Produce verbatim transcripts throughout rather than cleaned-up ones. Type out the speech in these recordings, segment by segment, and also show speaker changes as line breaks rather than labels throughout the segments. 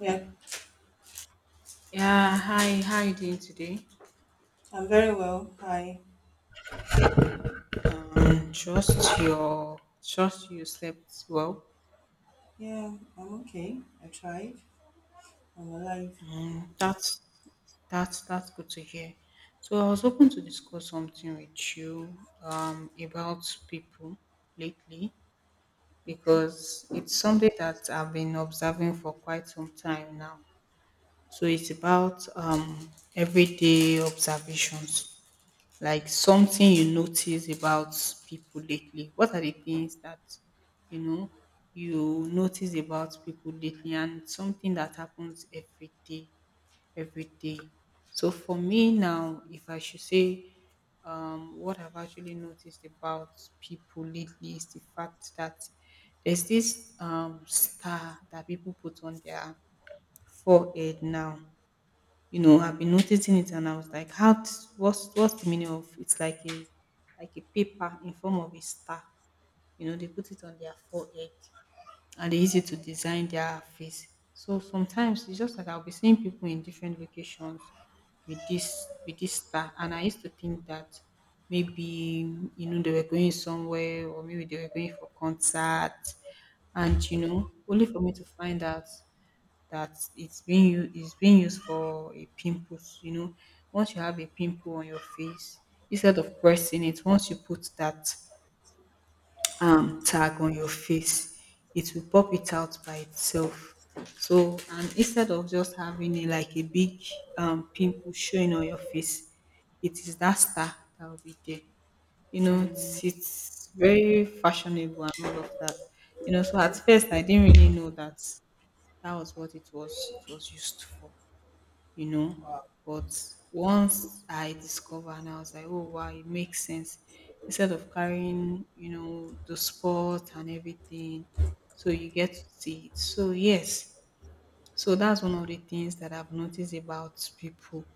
Yeah,
Yeah, hi. How you doing today?
I'm very well. Hi.
Trust your Trust you slept well.
Yeah, I'm okay. I tried. I'm alive.
That's that's that's good to hear. So I was hoping to discuss something with you um about people lately, because it's something that I've been observing for quite some time now. So it's about um everyday observations. Like something you notice about people lately? What are the things that you know you notice about people lately, and something that happens every day, every day? So for me now, if I should say um, what I've actually noticed about people lately is the fact that there's this um, star that people put on their forehead now. You know, I've been noticing it and I was like, how, t- what's, what's the meaning of, it's like a, like a paper in form of a star, you know, they put it on their forehead and they use it to design their face. So sometimes it's just like I'll be seeing people in different locations with this, with this star. And I used to think that maybe, you know, they were going somewhere, or maybe they were going for concert, and, you know, only for me to find out that it's being u- it's being used for a pimples. You know, once you have a pimple on your face, instead of pressing it, once you put that um, tag on your face, it will pop it out by itself. So, and instead of just having a, like a big um, pimple showing on your face, it is that star that will be there. You know,
Mm,
it's, it's very fashionable and all of that. You know, so at first
okay.
I didn't really know that that was what it was, it was used for, you know.
Wow.
But once I discovered, and I was like, oh wow, it makes sense. Instead of carrying, you know, the sport and everything, so you get to see it. So yes, so that's one of the things that I've noticed about people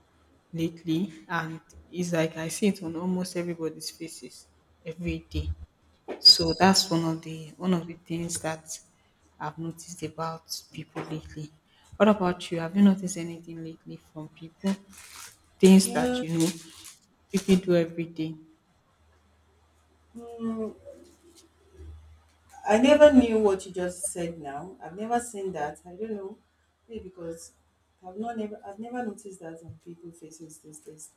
lately, and it's like I see it on almost everybody's faces every day. So that's one of the one of the things that I've noticed about people lately. What about you? Have you noticed anything lately from people? Things that
Yeah.
you know people do every day.
Mm, I never knew what you just said. Now I've never seen that. I don't know. Maybe because I've not never I've never noticed that on people faces these days.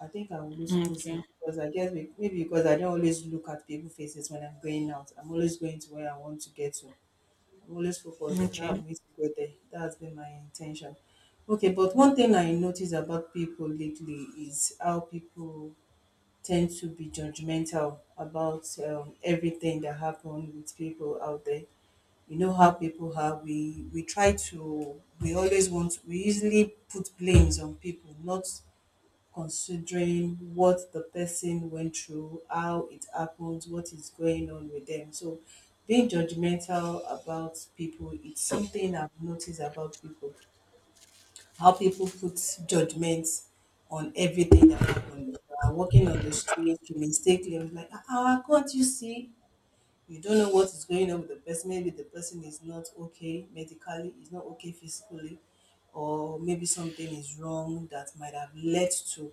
I think I will lose cool
Okay.
sleep because I guess be- maybe because I don't always look at people faces when I'm going out. I'm always going to where I want to get to. I'm always focused. Okay, I
Okay.
am I to go there? That's been my intention. Okay, but one thing I notice about people lately is how people tend to be judgmental about um, everything that happens with people out there. You know how people are. We we try to we always want we easily put blames on people, not considering what the person went through, how it happened, what is going on with them. So being judgmental about people, it's something I've noticed about people. How people put judgments on everything that happens. You are walking on the street, you mistakenly was like, ah, ah, can't you see? You don't know what is going on with the person. Maybe the person is not okay medically, is not okay physically, or maybe something is wrong that might have led to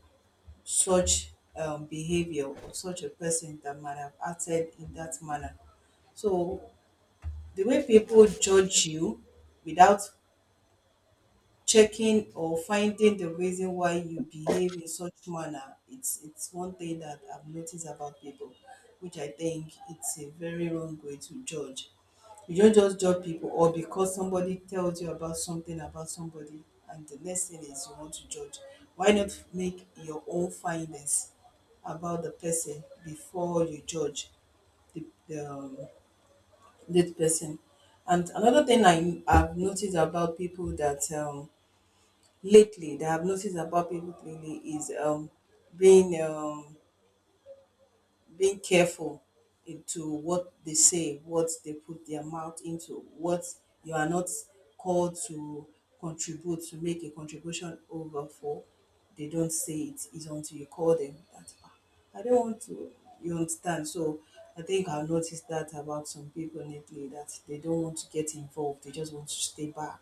such um, behavior of such a person that might have acted in that manner. So the way people judge you without checking or finding the reason why you behave in such manner, it's it's one thing that I've noticed about people, which I think it's a very wrong way to judge. You don't just judge people or because somebody tells you about something about somebody and the next thing is you want to judge. Why not make your own findings about the person before you judge the, the um, that person? And another thing I, i've noticed about people that um, Lately, that I've noticed about people lately is um being um being careful into what they say, what they put their mouth into, what you are not called to contribute, to make a contribution over for. They don't say it is until you call them that, "Ah, I don't want to, you understand." So I think I've noticed that about some people lately, that they don't want to get involved, they just want to stay back.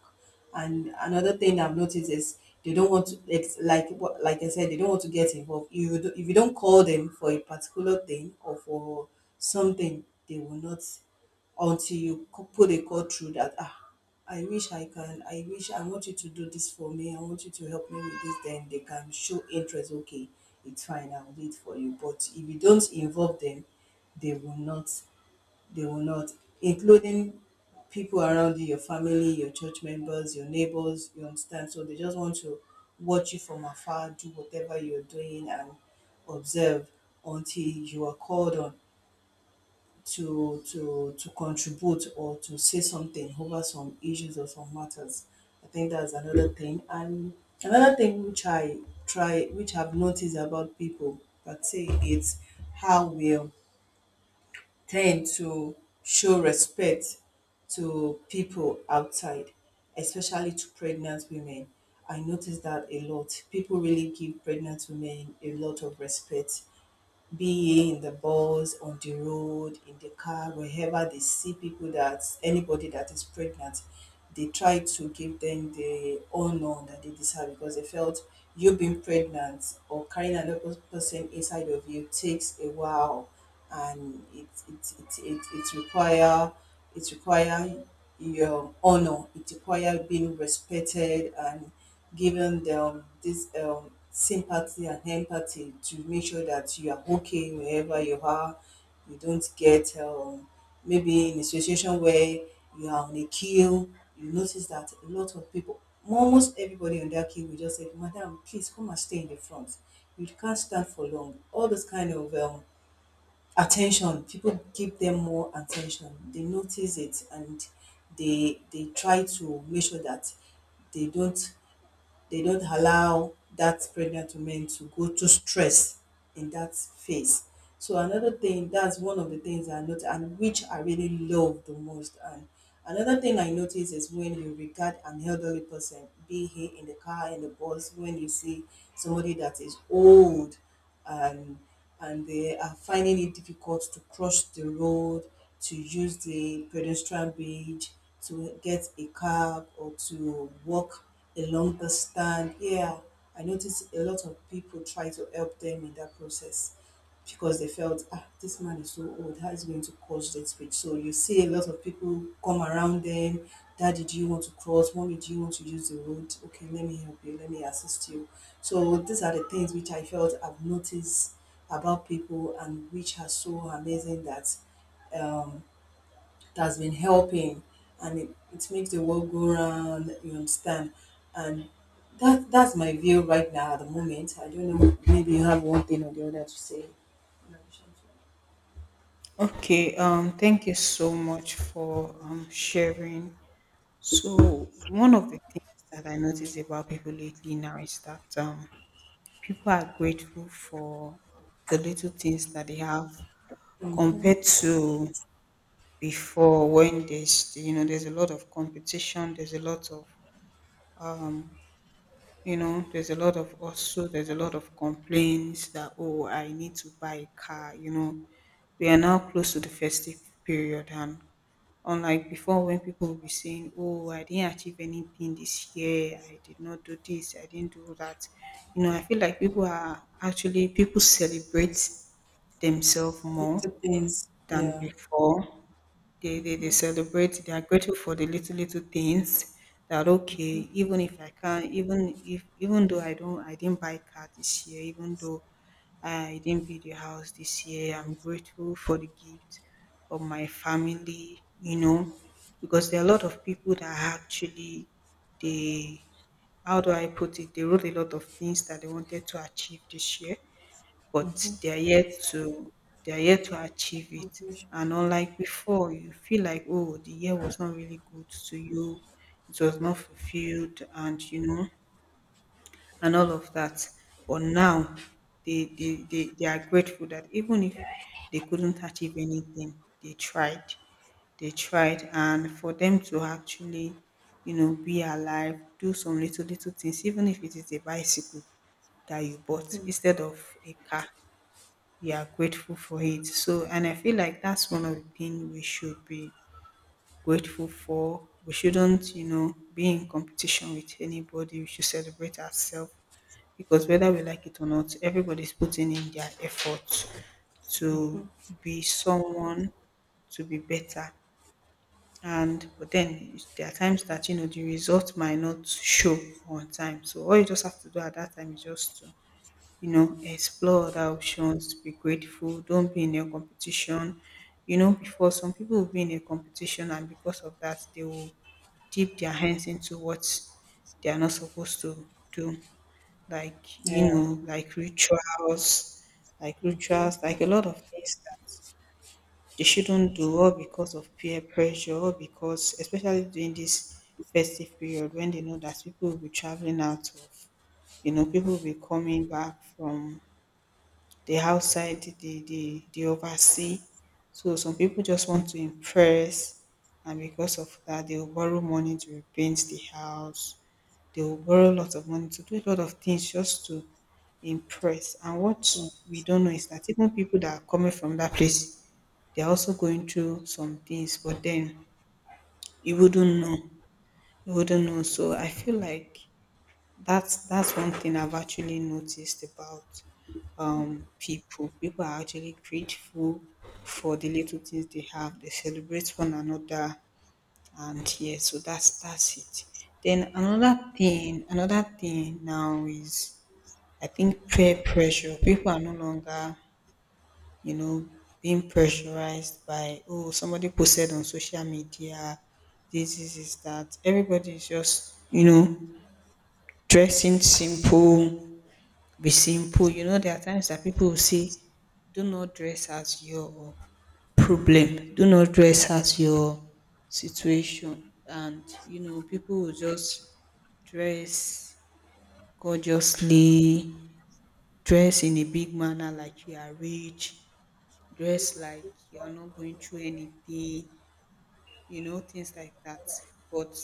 And another thing I've noticed is they don't want to it's like, what like I said, they don't want to get involved. You would- if you don't call them for a particular thing or for something, they will not, until you co- put a call through that, ah "I wish I can, I wish I want you to do this for me, I want you to help me with this," then they can show interest. "Okay, it's fine, I'll do it for you." But if you don't involve them, they will not they will not, including people around you, your family, your church members, your neighbors, you understand? So they just want to watch you from afar, do whatever you're doing, and observe until you are called on to to to contribute or to say something over some issues or some matters. I think that's another thing. And another thing which I try which I've noticed about people that say it's how we tend to show respect to people outside, especially to pregnant women. I notice that a lot. People really give pregnant women a lot of respect, be ye in the bus, on the road, in the car. Wherever they see people, that anybody that is pregnant, they try to give them the honor that they deserve, because they felt you being pregnant or carrying another person inside of you takes a while, and it it it it, it require it require your honor. It require being respected, and giving them this um, sympathy and empathy, to make sure that you are okay wherever you are. You don't get um, maybe in a situation where you are on a queue, you notice that a lot of people, almost everybody on that queue, will just say, "Madam, please come and stay in the front. You can't stand for long." All those kind of um, attention, people give them more attention. They notice it, and they they try to make sure that they don't they don't allow that pregnant woman to go to stress in that phase. So another thing, that's one of the things I noticed, and which I really love the most. And another thing I notice is when you regard an elderly person, be he in the car, in the bus, when you see somebody that is old and and they are finding it difficult to cross the road, to use the pedestrian bridge, to get a cab, or to walk along the stand. Yeah, I notice a lot of people try to help them in that process, because they felt, "Ah, this man is so old, how is he going to cross that bridge?" So you see a lot of people come around them. "Daddy, do you want to cross? Mommy, do you want to use the road? Okay, let me help you, let me assist you." So these are the things which I felt I've noticed about people, and which are so amazing that um, that's been helping. And it, it makes the world go round, you understand? And that that's my view right now at the moment. I don't know, maybe you have one thing or the other to say.
Okay. Um. Thank you so much for um sharing. So one of the things that I notice about people lately now is that um people are grateful for the little things that they have compared to before, when there's, you know, there's a lot of competition, there's a lot of um you know, there's a lot of, also there's a lot of complaints that, oh, I need to buy a car. You know, we are now close to the festive period, and unlike before when people will be saying, oh, I didn't achieve anything this year, I did not do this, I didn't do that, you know, I feel like people are actually, people celebrate themselves more
Little things.
than
Yeah.
before. They they they celebrate, they are grateful for the little, little things, that okay, even if I can't, even if, even though I don't I didn't buy car this year, even though I didn't build a house this year, I'm grateful for the gift of my family, you know, because there are a lot of people that actually they, how do I put it, they wrote a lot of things that they wanted to achieve this year, but they are yet to they are yet to achieve it. And unlike before, you feel like, oh, the year was not really good to you, it was not fulfilled, and you know, and all of that. But now they they, they, they are grateful that even if they couldn't achieve anything, they tried. They tried, and for them to actually, you know, be alive, do some little little things, even if it is a bicycle that you bought instead of a car, you are grateful for it. So, and I feel like that's one of the things we should be grateful for. We shouldn't, you know, be in competition with anybody, we should celebrate ourselves, because whether we like it or not, everybody's putting in their effort to be someone, to be better. And but then there are times that, you know, the result might not show on time, so all you just have to do at that time is just to, you know, explore other options, be grateful, don't be in a competition. You know, before, some people will be in a competition, and because of that they will dip their hands into what they are not supposed to do. Like, you
Yeah.
know, like rituals, like rituals, like a lot of things that they shouldn't do, all because of peer pressure, or because especially during this festive period, when they know that people will be traveling out of, you know, people will be coming back from the outside, they they they oversee. So some people just want to impress, and because of that, they will borrow money to repaint the house. They will borrow a lot of money to do a lot of things just to impress. And what
Mm.
we don't know is that even people that are coming from that place, they are also going through some things, but then you wouldn't know, you wouldn't know. So I feel like that's that's one thing I've actually noticed about um, people. People are actually grateful for the little things they have. They celebrate one another, and yeah, so that's that's it. Then another thing, another thing now is I think peer pressure. People are no longer, you know, being pressurized by, oh, somebody posted on social media, this this, is that. Everybody is just, you know, dressing simple, be simple. You know, there are times that people will say, do not dress as your problem, do not dress as your situation. And, you know, people will just dress gorgeously, dress in a big manner like you are rich, dress like you are not going through anything, you know, things like that. But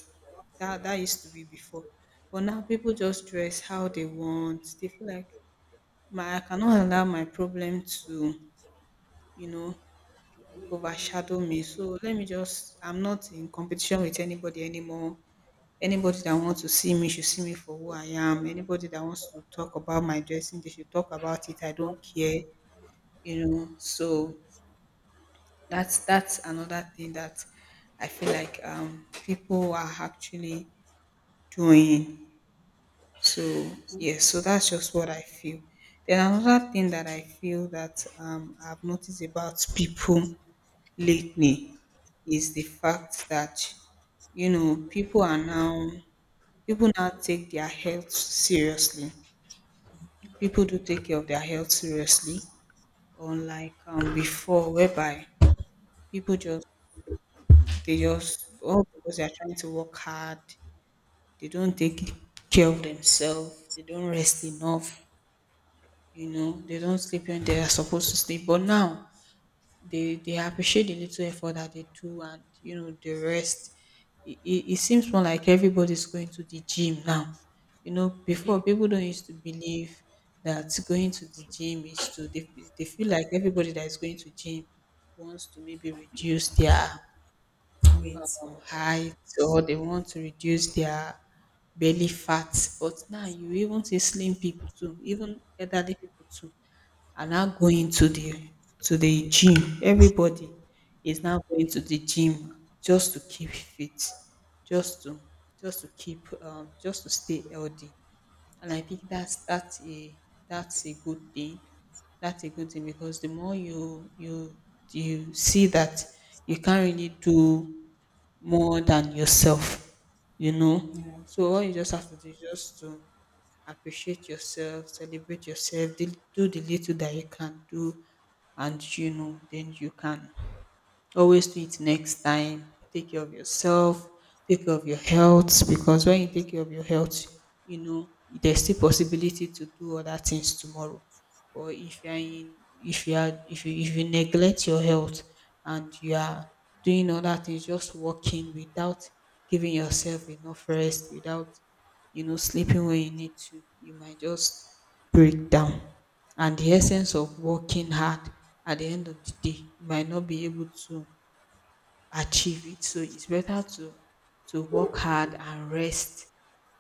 that, that used to be before. But now people just dress how they want. They feel like my I cannot allow my problem to, you know, overshadow me. So let me just, I'm not in competition with anybody anymore. Anybody that wants to see me should see me for who I am. Anybody that wants to talk about my dressing, they should talk about it. I don't care, you know. So that's that's another thing that I feel like um people are actually doing. So yes, so that's just what I feel. Then another thing that I feel that um, I've noticed about people lately is the fact that, you know, people are now, people now take their health seriously. People do take care of their health seriously, unlike um, before, whereby people just, they just, oh because they are trying to work hard, they don't take care of themselves, they don't rest enough. You know, they don't sleep when they are supposed to sleep, but now they they appreciate the little effort that they do, and you know, the rest. It, it, it seems more like everybody's going to the gym now. You know, before, people don't used to believe that going to the gym is to, they, they feel like everybody that is going to gym wants to maybe reduce their
Wait.
um, height, or they want to reduce their belly fat. But now you even see slim people too, even elderly people too are now going to the to the gym. Everybody is now going to the gym just to keep fit, just to, just to keep um, just to stay healthy. And I think that's that's a that's a good thing. That's a good thing, because the more you you you see that you can't really do more than yourself, you know.
Yeah.
So all you just have to do is just to appreciate yourself, celebrate yourself, the- do the little that you can do, and you know, then you can always do it next time. Take care of yourself. Take care of your health, because when you take care of your health, you know, there's still possibility to do other things tomorrow. But if you are in, if you are, if you if you neglect your health and you are doing other things, just working without giving yourself enough rest, without, you know, sleeping when you need to, you might just break down. And the essence of working hard, at the end of the day, you might not be able to achieve it. So it's better to to work hard and rest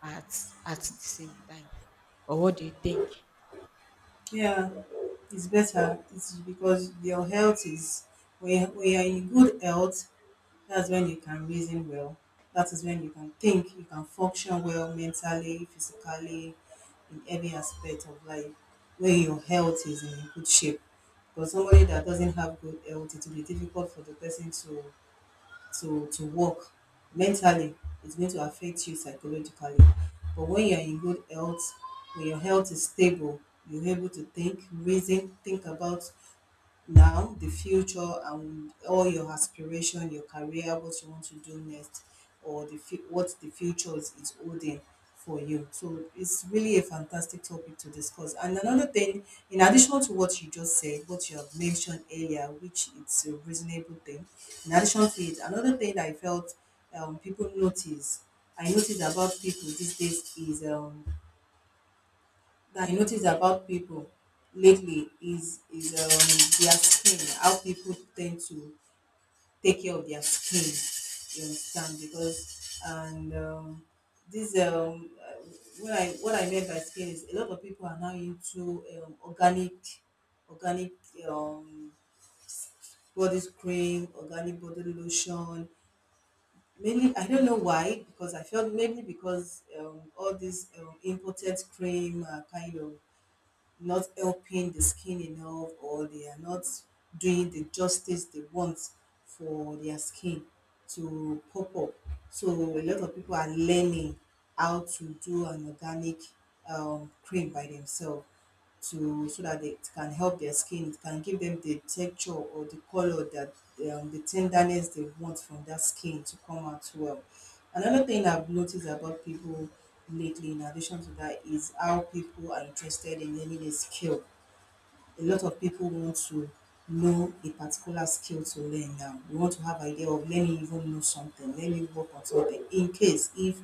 at at the same time. Or what do you think?
Yeah, it's better. It's because your health is, we we are in good health, that's when you can reason well. That is when you can think, you can function well mentally, physically, in every aspect of life, where your health is in good shape. But somebody that doesn't have good health, it will be difficult for the person to to to work mentally. It's going to affect you psychologically. But when you're in good health, when your health is stable, you're able to think, reason, think about now, the future, and all your aspiration, your career, what you want to do next, or the fu- what the future is, is holding for you. So it's really a fantastic topic to discuss. And another thing, in addition to what you just said, what you have mentioned earlier, which it's a reasonable thing. In addition to it, another thing that I felt um, people notice, I noticed about people these days is um, that I notice about people lately is is um, their skin. How people tend to take care of their skin. You understand? Because and um, this um, uh, what I what I meant by skin is a lot of people are now into um, organic organic um, body cream, organic body lotion. Mainly, I don't know why, because I felt mainly because um, all these um, imported cream are kind of not helping the skin enough, or they are not doing the justice they want for their skin to pop up. So a lot of people are learning how to do an organic um, cream by themselves, to so that it can help their skin. It can give them the texture or the color that um, the tenderness they want from that skin to come out well. Another thing I've noticed about people lately, in addition to that, is how people are interested in learning a skill. A lot of people want to know a particular skill to learn now. We want to have idea of, let me even know something, let me work on something, in case if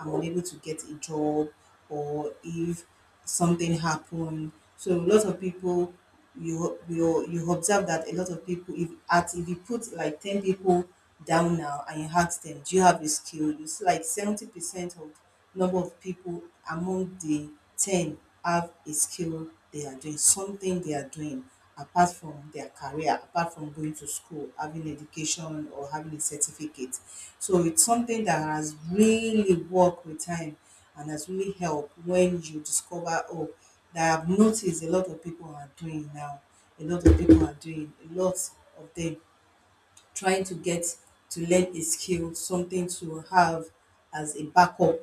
I'm unable to get a job, or if something happened. So a lot of people, you you you observe that a lot of people, if at if you put like ten people down now and you ask them, "Do you have a skill?" You see like seventy percent of number of people among the ten have a skill they are doing, something they are doing apart from their career, apart from going to school, having education or having a certificate. So it's something that has really worked with time, and has really helped. When you discover, oh, that I've noticed a lot of people are doing now. A lot of people are doing, a lot of them trying to get to learn a skill, something to have as a backup,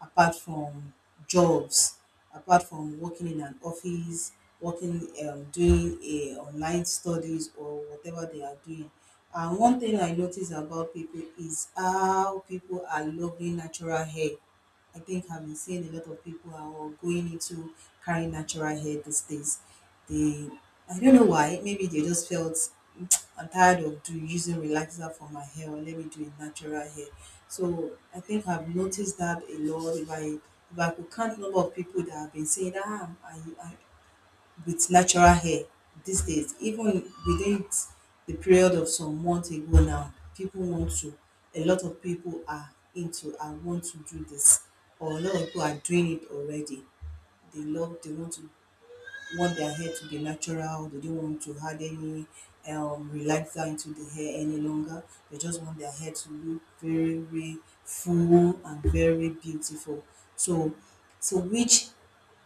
apart from jobs, apart from working in an office, working, um, doing a online studies, or whatever they are doing. And one thing I notice about people is how people are loving natural hair. I think I've been seeing a lot of people are all going into carrying natural hair these days. They, I don't know why, maybe they just felt, "Mm, I'm tired of do using relaxer for my hair, or let me do a natural hair." So I think I've noticed that a lot. If I if I could count number of people that have been saying, ah, I, I with natural hair these days, even within the period of some months ago now, people want to, a lot of people are into and want to do this, or a lot of people are doing it already. They love, they want to want their hair to be natural. They don't want to add any um, relaxer into the hair any longer. They just want their hair to look very, very full and very beautiful. So, so which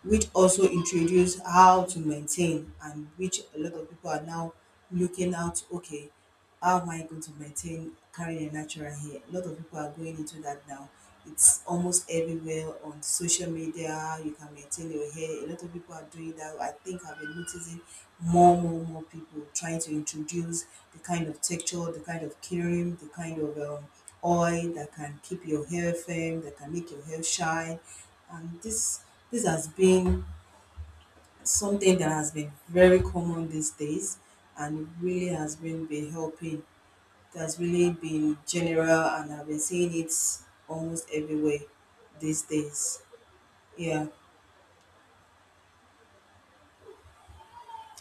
which also introduce how to maintain, and which a lot of people are now looking out. Okay, how am I going to maintain carrying a natural hair? A lot of people are going into that now. It's almost everywhere on social media. You can maintain your hair. A lot of people are doing that. I think I've been noticing more more more people trying to introduce the kind of texture, the kind of cream, the kind of um, oil that can keep your hair firm, that can make your hair shine. And this this has been something that has been very common these days, and it really has been been helping. It has really been general, and I've been seeing it almost everywhere these days. Yeah.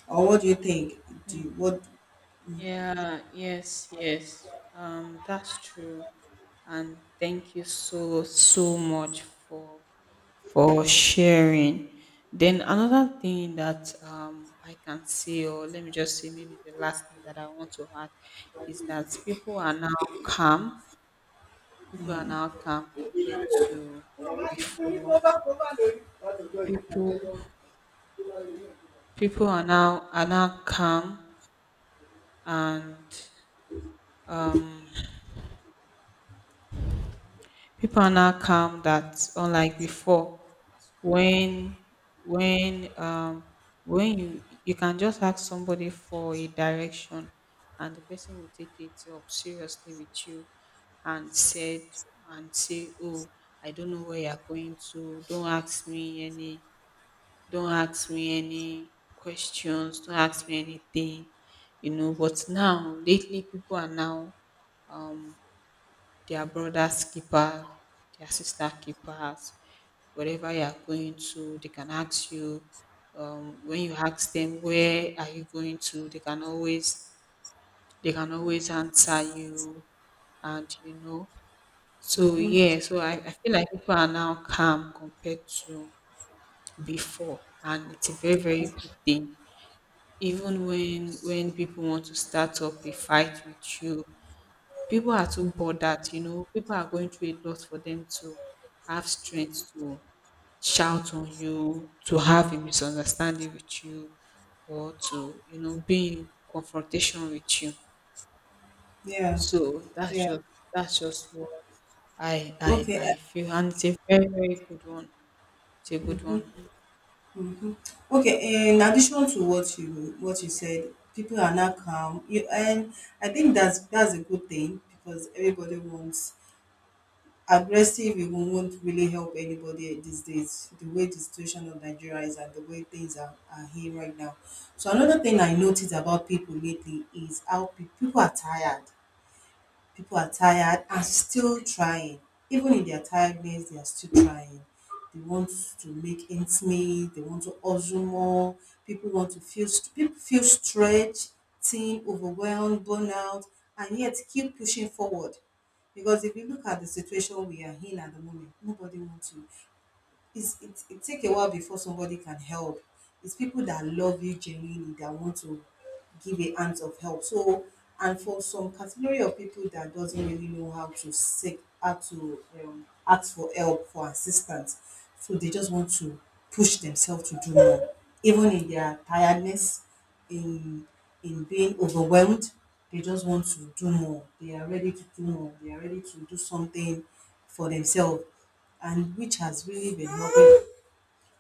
Or what do you think? Do you, what?
Yeah, yes, yes. Um, that's true. And thank you so, so much for for sharing. Then another thing that um I can say, or let me just say maybe the last thing that I want to add is that people are now calm. People are now calm compared to before. People people are now are now calm, and um people are now calm, that unlike before, when, when um when you you can just ask somebody for a direction, and the person will take it up seriously with you, and said, and say, oh, I don't know where you're going to, don't ask me any don't ask me any questions, don't ask me anything, you know. But now, lately, people are now their brothers keepers, their sister keepers. Wherever you are going to, they can ask you. Um, when you ask them where are you going to, they can always they can always answer you, and you know. So yeah, so I, I feel like people are now calm compared to before, and it's a very very good thing. Even when when people want to start up a fight with you, people are too bothered. You know, people are going through a lot for them to have strength to shout on you, to have a misunderstanding with you, or to, you know, be in confrontation with you.
Yeah.
So that's
Yeah.
just, that's just what i i I
Okay.
feel, and it's a very very good one. It's a good one.
Okay, in addition to what you what you said, people are now calm. You and I think that's that's a good thing, because everybody wants aggressive. It won't really help anybody these days. The way the situation of Nigeria is, and the way things are, are here right now. So another thing I noticed about people lately is how pe- people are tired people are tired and still trying. Even in their tiredness, they are still trying. They want to make ends meet. They want to hustle more. People want to feel st- people feel stretched, thin, overwhelmed, burnout, and yet keep pushing forward. Because if you look at the situation we are in at the moment, nobody wants to it's, it, it take a while before somebody can help. It's people that love you genuinely that want to give a hand of help. So, and for some category of people that doesn't really know how to seek, how to um, ask for help, for assistance, so they just want to push themselves to do more, even in their tiredness, in in being overwhelmed. They just want to do more. They are ready to do more. They are ready to do something for themselves, and which has really been helping.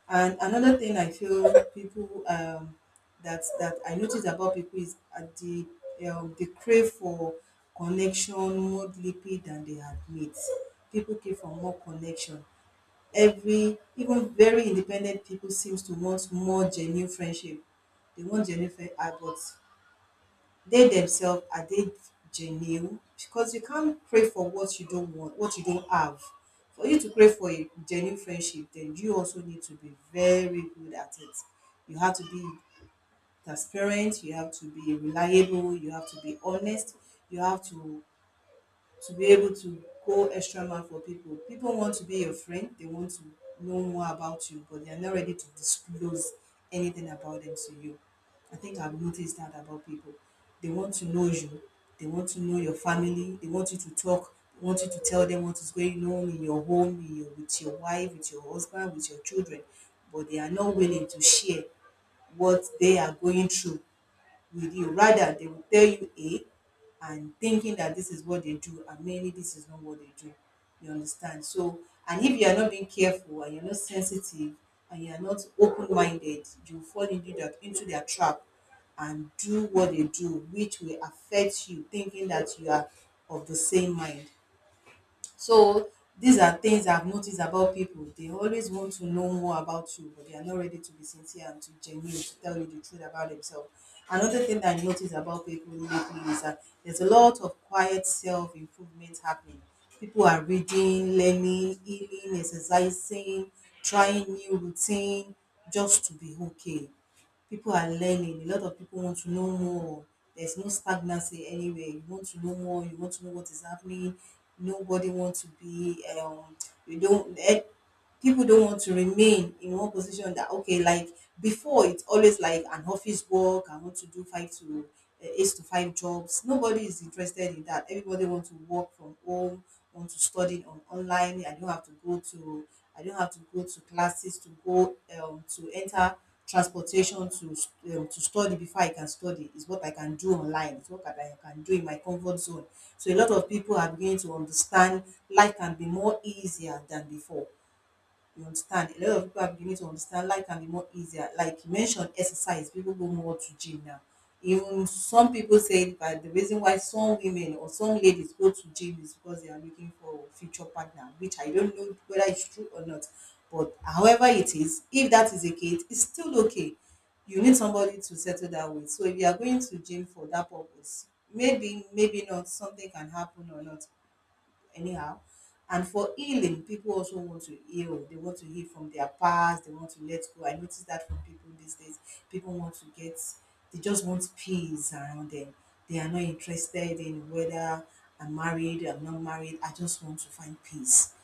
And another thing I feel people um, that that I notice about people is at the um, the crave for connection more deeply than they admit. People crave for more connection. Every even very independent people seems to want more genuine friendship. They want genuine friend, uh, but they themselves, are they genuine? Because you can't pray for what you don't want, what you don't have. For you to pray for a genuine friendship, then you also need to be very good at it. You have to be transparent, you have to be reliable, you have to be honest, you have to to be able to go extra mile for people. People want to be your friend, they want to know more about you, but they are not ready to disclose anything about them to you. I think I've noticed that about people. They want to know you, they want to know your family, they want you to talk, they want you to tell them what is going on in your home, in your, with your wife, with your husband, with your children, but they are not willing to share what they are going through with you. Rather, they will tell you A, and thinking that this is what they do, and mainly this is not what they do. You understand? So, and if you are not being careful, and you're not sensitive, and you are not open minded, you fall into that, into their trap, and do what they do, which will affect you, thinking that you are of the same mind. So these are things I've noticed about people. They always want to know more about you, but they are not ready to be sincere and to genuine to tell you the truth about themselves. Another thing that I notice about people lately is that there's a lot of quiet self improvement happening. People are reading, learning, healing, exercising, trying new routine just to be okay. People are learning. A lot of people want to know more. There's no stagnancy anywhere. You want to know more. You want to know what is happening. Nobody wants to be. Um, you don't. Eh, people don't want to remain in one position, that okay, like before it's always like an office work. I want to do five to uh, eight to five jobs. Nobody is interested in that. Everybody wants to work from home, want to study on online. i don't have to go to I don't have to go to classes, to go um, to enter transportation to um, to study. Before I can study is what I can do online, it's what I can do in my comfort zone. So a lot of people are beginning to understand life can be more easier than before. You understand? A lot of people are beginning to understand life can be more easier. Like you mentioned, exercise, people go more to gym now. Even some people say that the reason why some women or some ladies go to gym is because they are looking for a future partner, which I don't know whether it's true or not. But however it is, if that is the case, it's still okay. You need somebody to settle that with. So if you are going to gym for that purpose, maybe, maybe not, something can happen or not anyhow. And for healing, people also want to heal. They want to heal from their past. They want to let go. I notice that from people these days. People want to get, they just want peace around them. They are not interested in whether I'm married, I'm not married. I just want to find peace.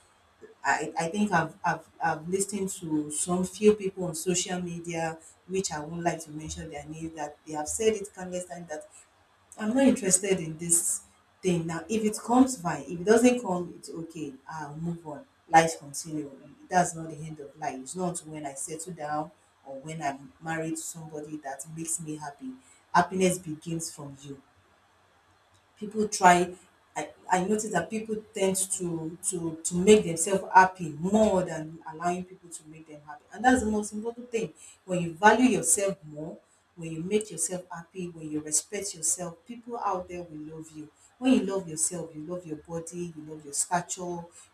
I, I think I've, I've, I've listened to some few people on social media, which I won't like to mention their names, that they have said it countless times, that I'm not interested in this thing now. If it comes, fine. If it doesn't come, it's okay. I'll move on. Life continue. That's not the end of life. It's not when I settle down or when I'm married to somebody that makes me happy. Happiness begins from you. People try I, I notice that people tend to, to to make themselves happy more than allowing people to make them happy. And that's the most important thing. When you value yourself more, when you make yourself happy, when you respect yourself, people out there will love you. When you love yourself, you love your body, you love your stature,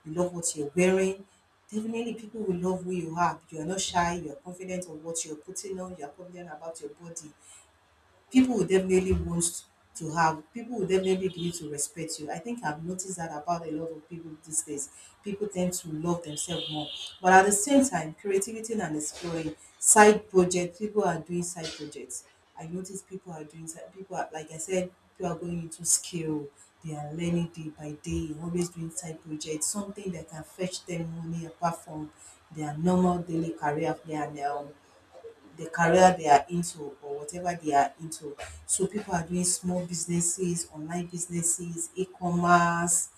you love what you're wearing. Definitely people will love who you are. You are not shy, you are confident of what you're putting on, you are confident about your body. People will definitely want to have people will definitely begin to respect you. I think I've noticed that about a lot of people these days. People tend to love themselves more. But at the same time, creativity and exploring side projects, people are doing side projects. I notice people are doing side people are, like I said, people are going into skill, they are learning day by day, always doing side projects, something that can fetch them money apart from their normal daily career, their um, the career they are into or whatever they are into. So people are doing small businesses, online businesses, e-commerce,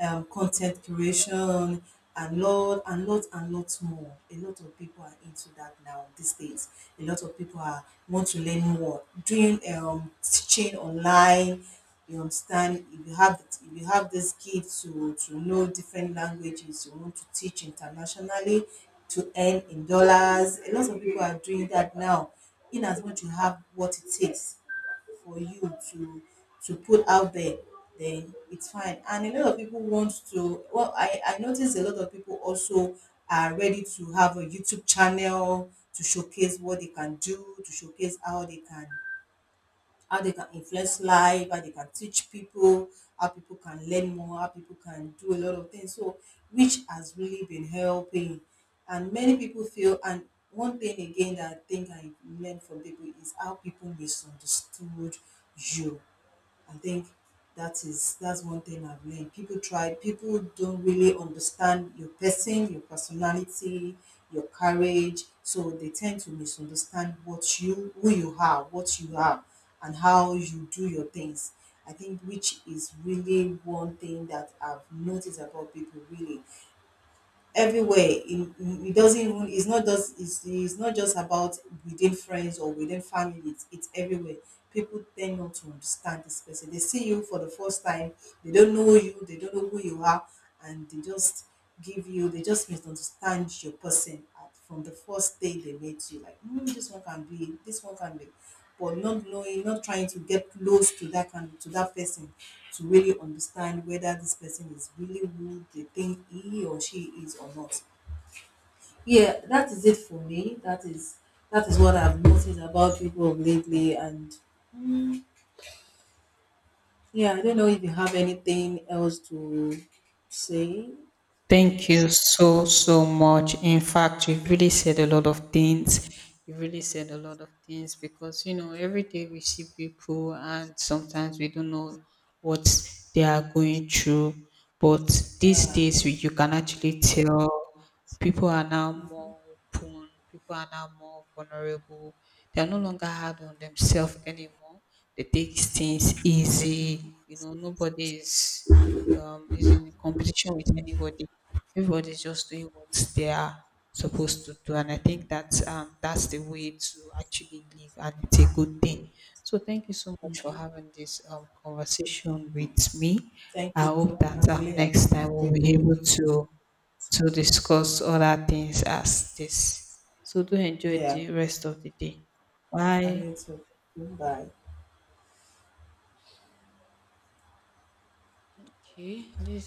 um, content creation, and lot and lot and lots more. A lot of people are into that now these days. A lot of people are want to learn more, doing um, teaching online. You understand? If you have if you have the skill to to know different languages, you want to teach internationally to earn in dollars. A lot of people are doing that now. In as much you have what it takes for you to to put out there, then it's fine. And a lot of people want to. Well, I I notice a lot of people also are ready to have a YouTube channel to showcase what they can do, to showcase how they can how they can influence life, how they can teach people, how people can learn more, how people can do a lot of things. So, which has really been helping. And many people feel, and one thing again that I think I learned from people is how people misunderstood you. I think that is that's one thing I've learned. People try people don't really understand your person, your personality, your courage. So they tend to misunderstand what you who you are, what you are and how you do your things. I think which is really one thing that I've noticed about people, really everywhere. It, it doesn't even it's not just it's, it's not just about within friends or within family, it's, it's everywhere. People tend not to understand this person, they see you for the first time, they don't know you, they don't know who you are, and they just give you they just misunderstand your person at, from the first day they meet you, like mm, this one can be this one can be, but not knowing, not trying to get close to that kind to that person to really understand whether this person is really who they think he or she is or not. Yeah, that is it for me. That is that is what I've noticed about people of lately, and yeah, I don't know if you have anything else to say.
Thank you so, so much. In fact, you really said a lot of things. You really said a lot of things, because, you know, every day we see people, and sometimes we don't know what they are going through. But these
Yeah,
days, we, you can actually tell, people are now more open, people are now more vulnerable. They are no longer hard on themselves anymore. They take things easy. You know, nobody is um, is in competition with anybody. Everybody's just doing what they are supposed to do, and I think that um, that's the way to actually live, and it's a good thing. So thank you so much for having this um, conversation with me.
thank
I
you too.
hope that
I'm
um,
really uh,
next time
I'm
we'll be
grateful.
able to to discuss other things as this. So do enjoy
Yeah,
the rest of the day.
and
Bye.
you too. Bye.
Okay, this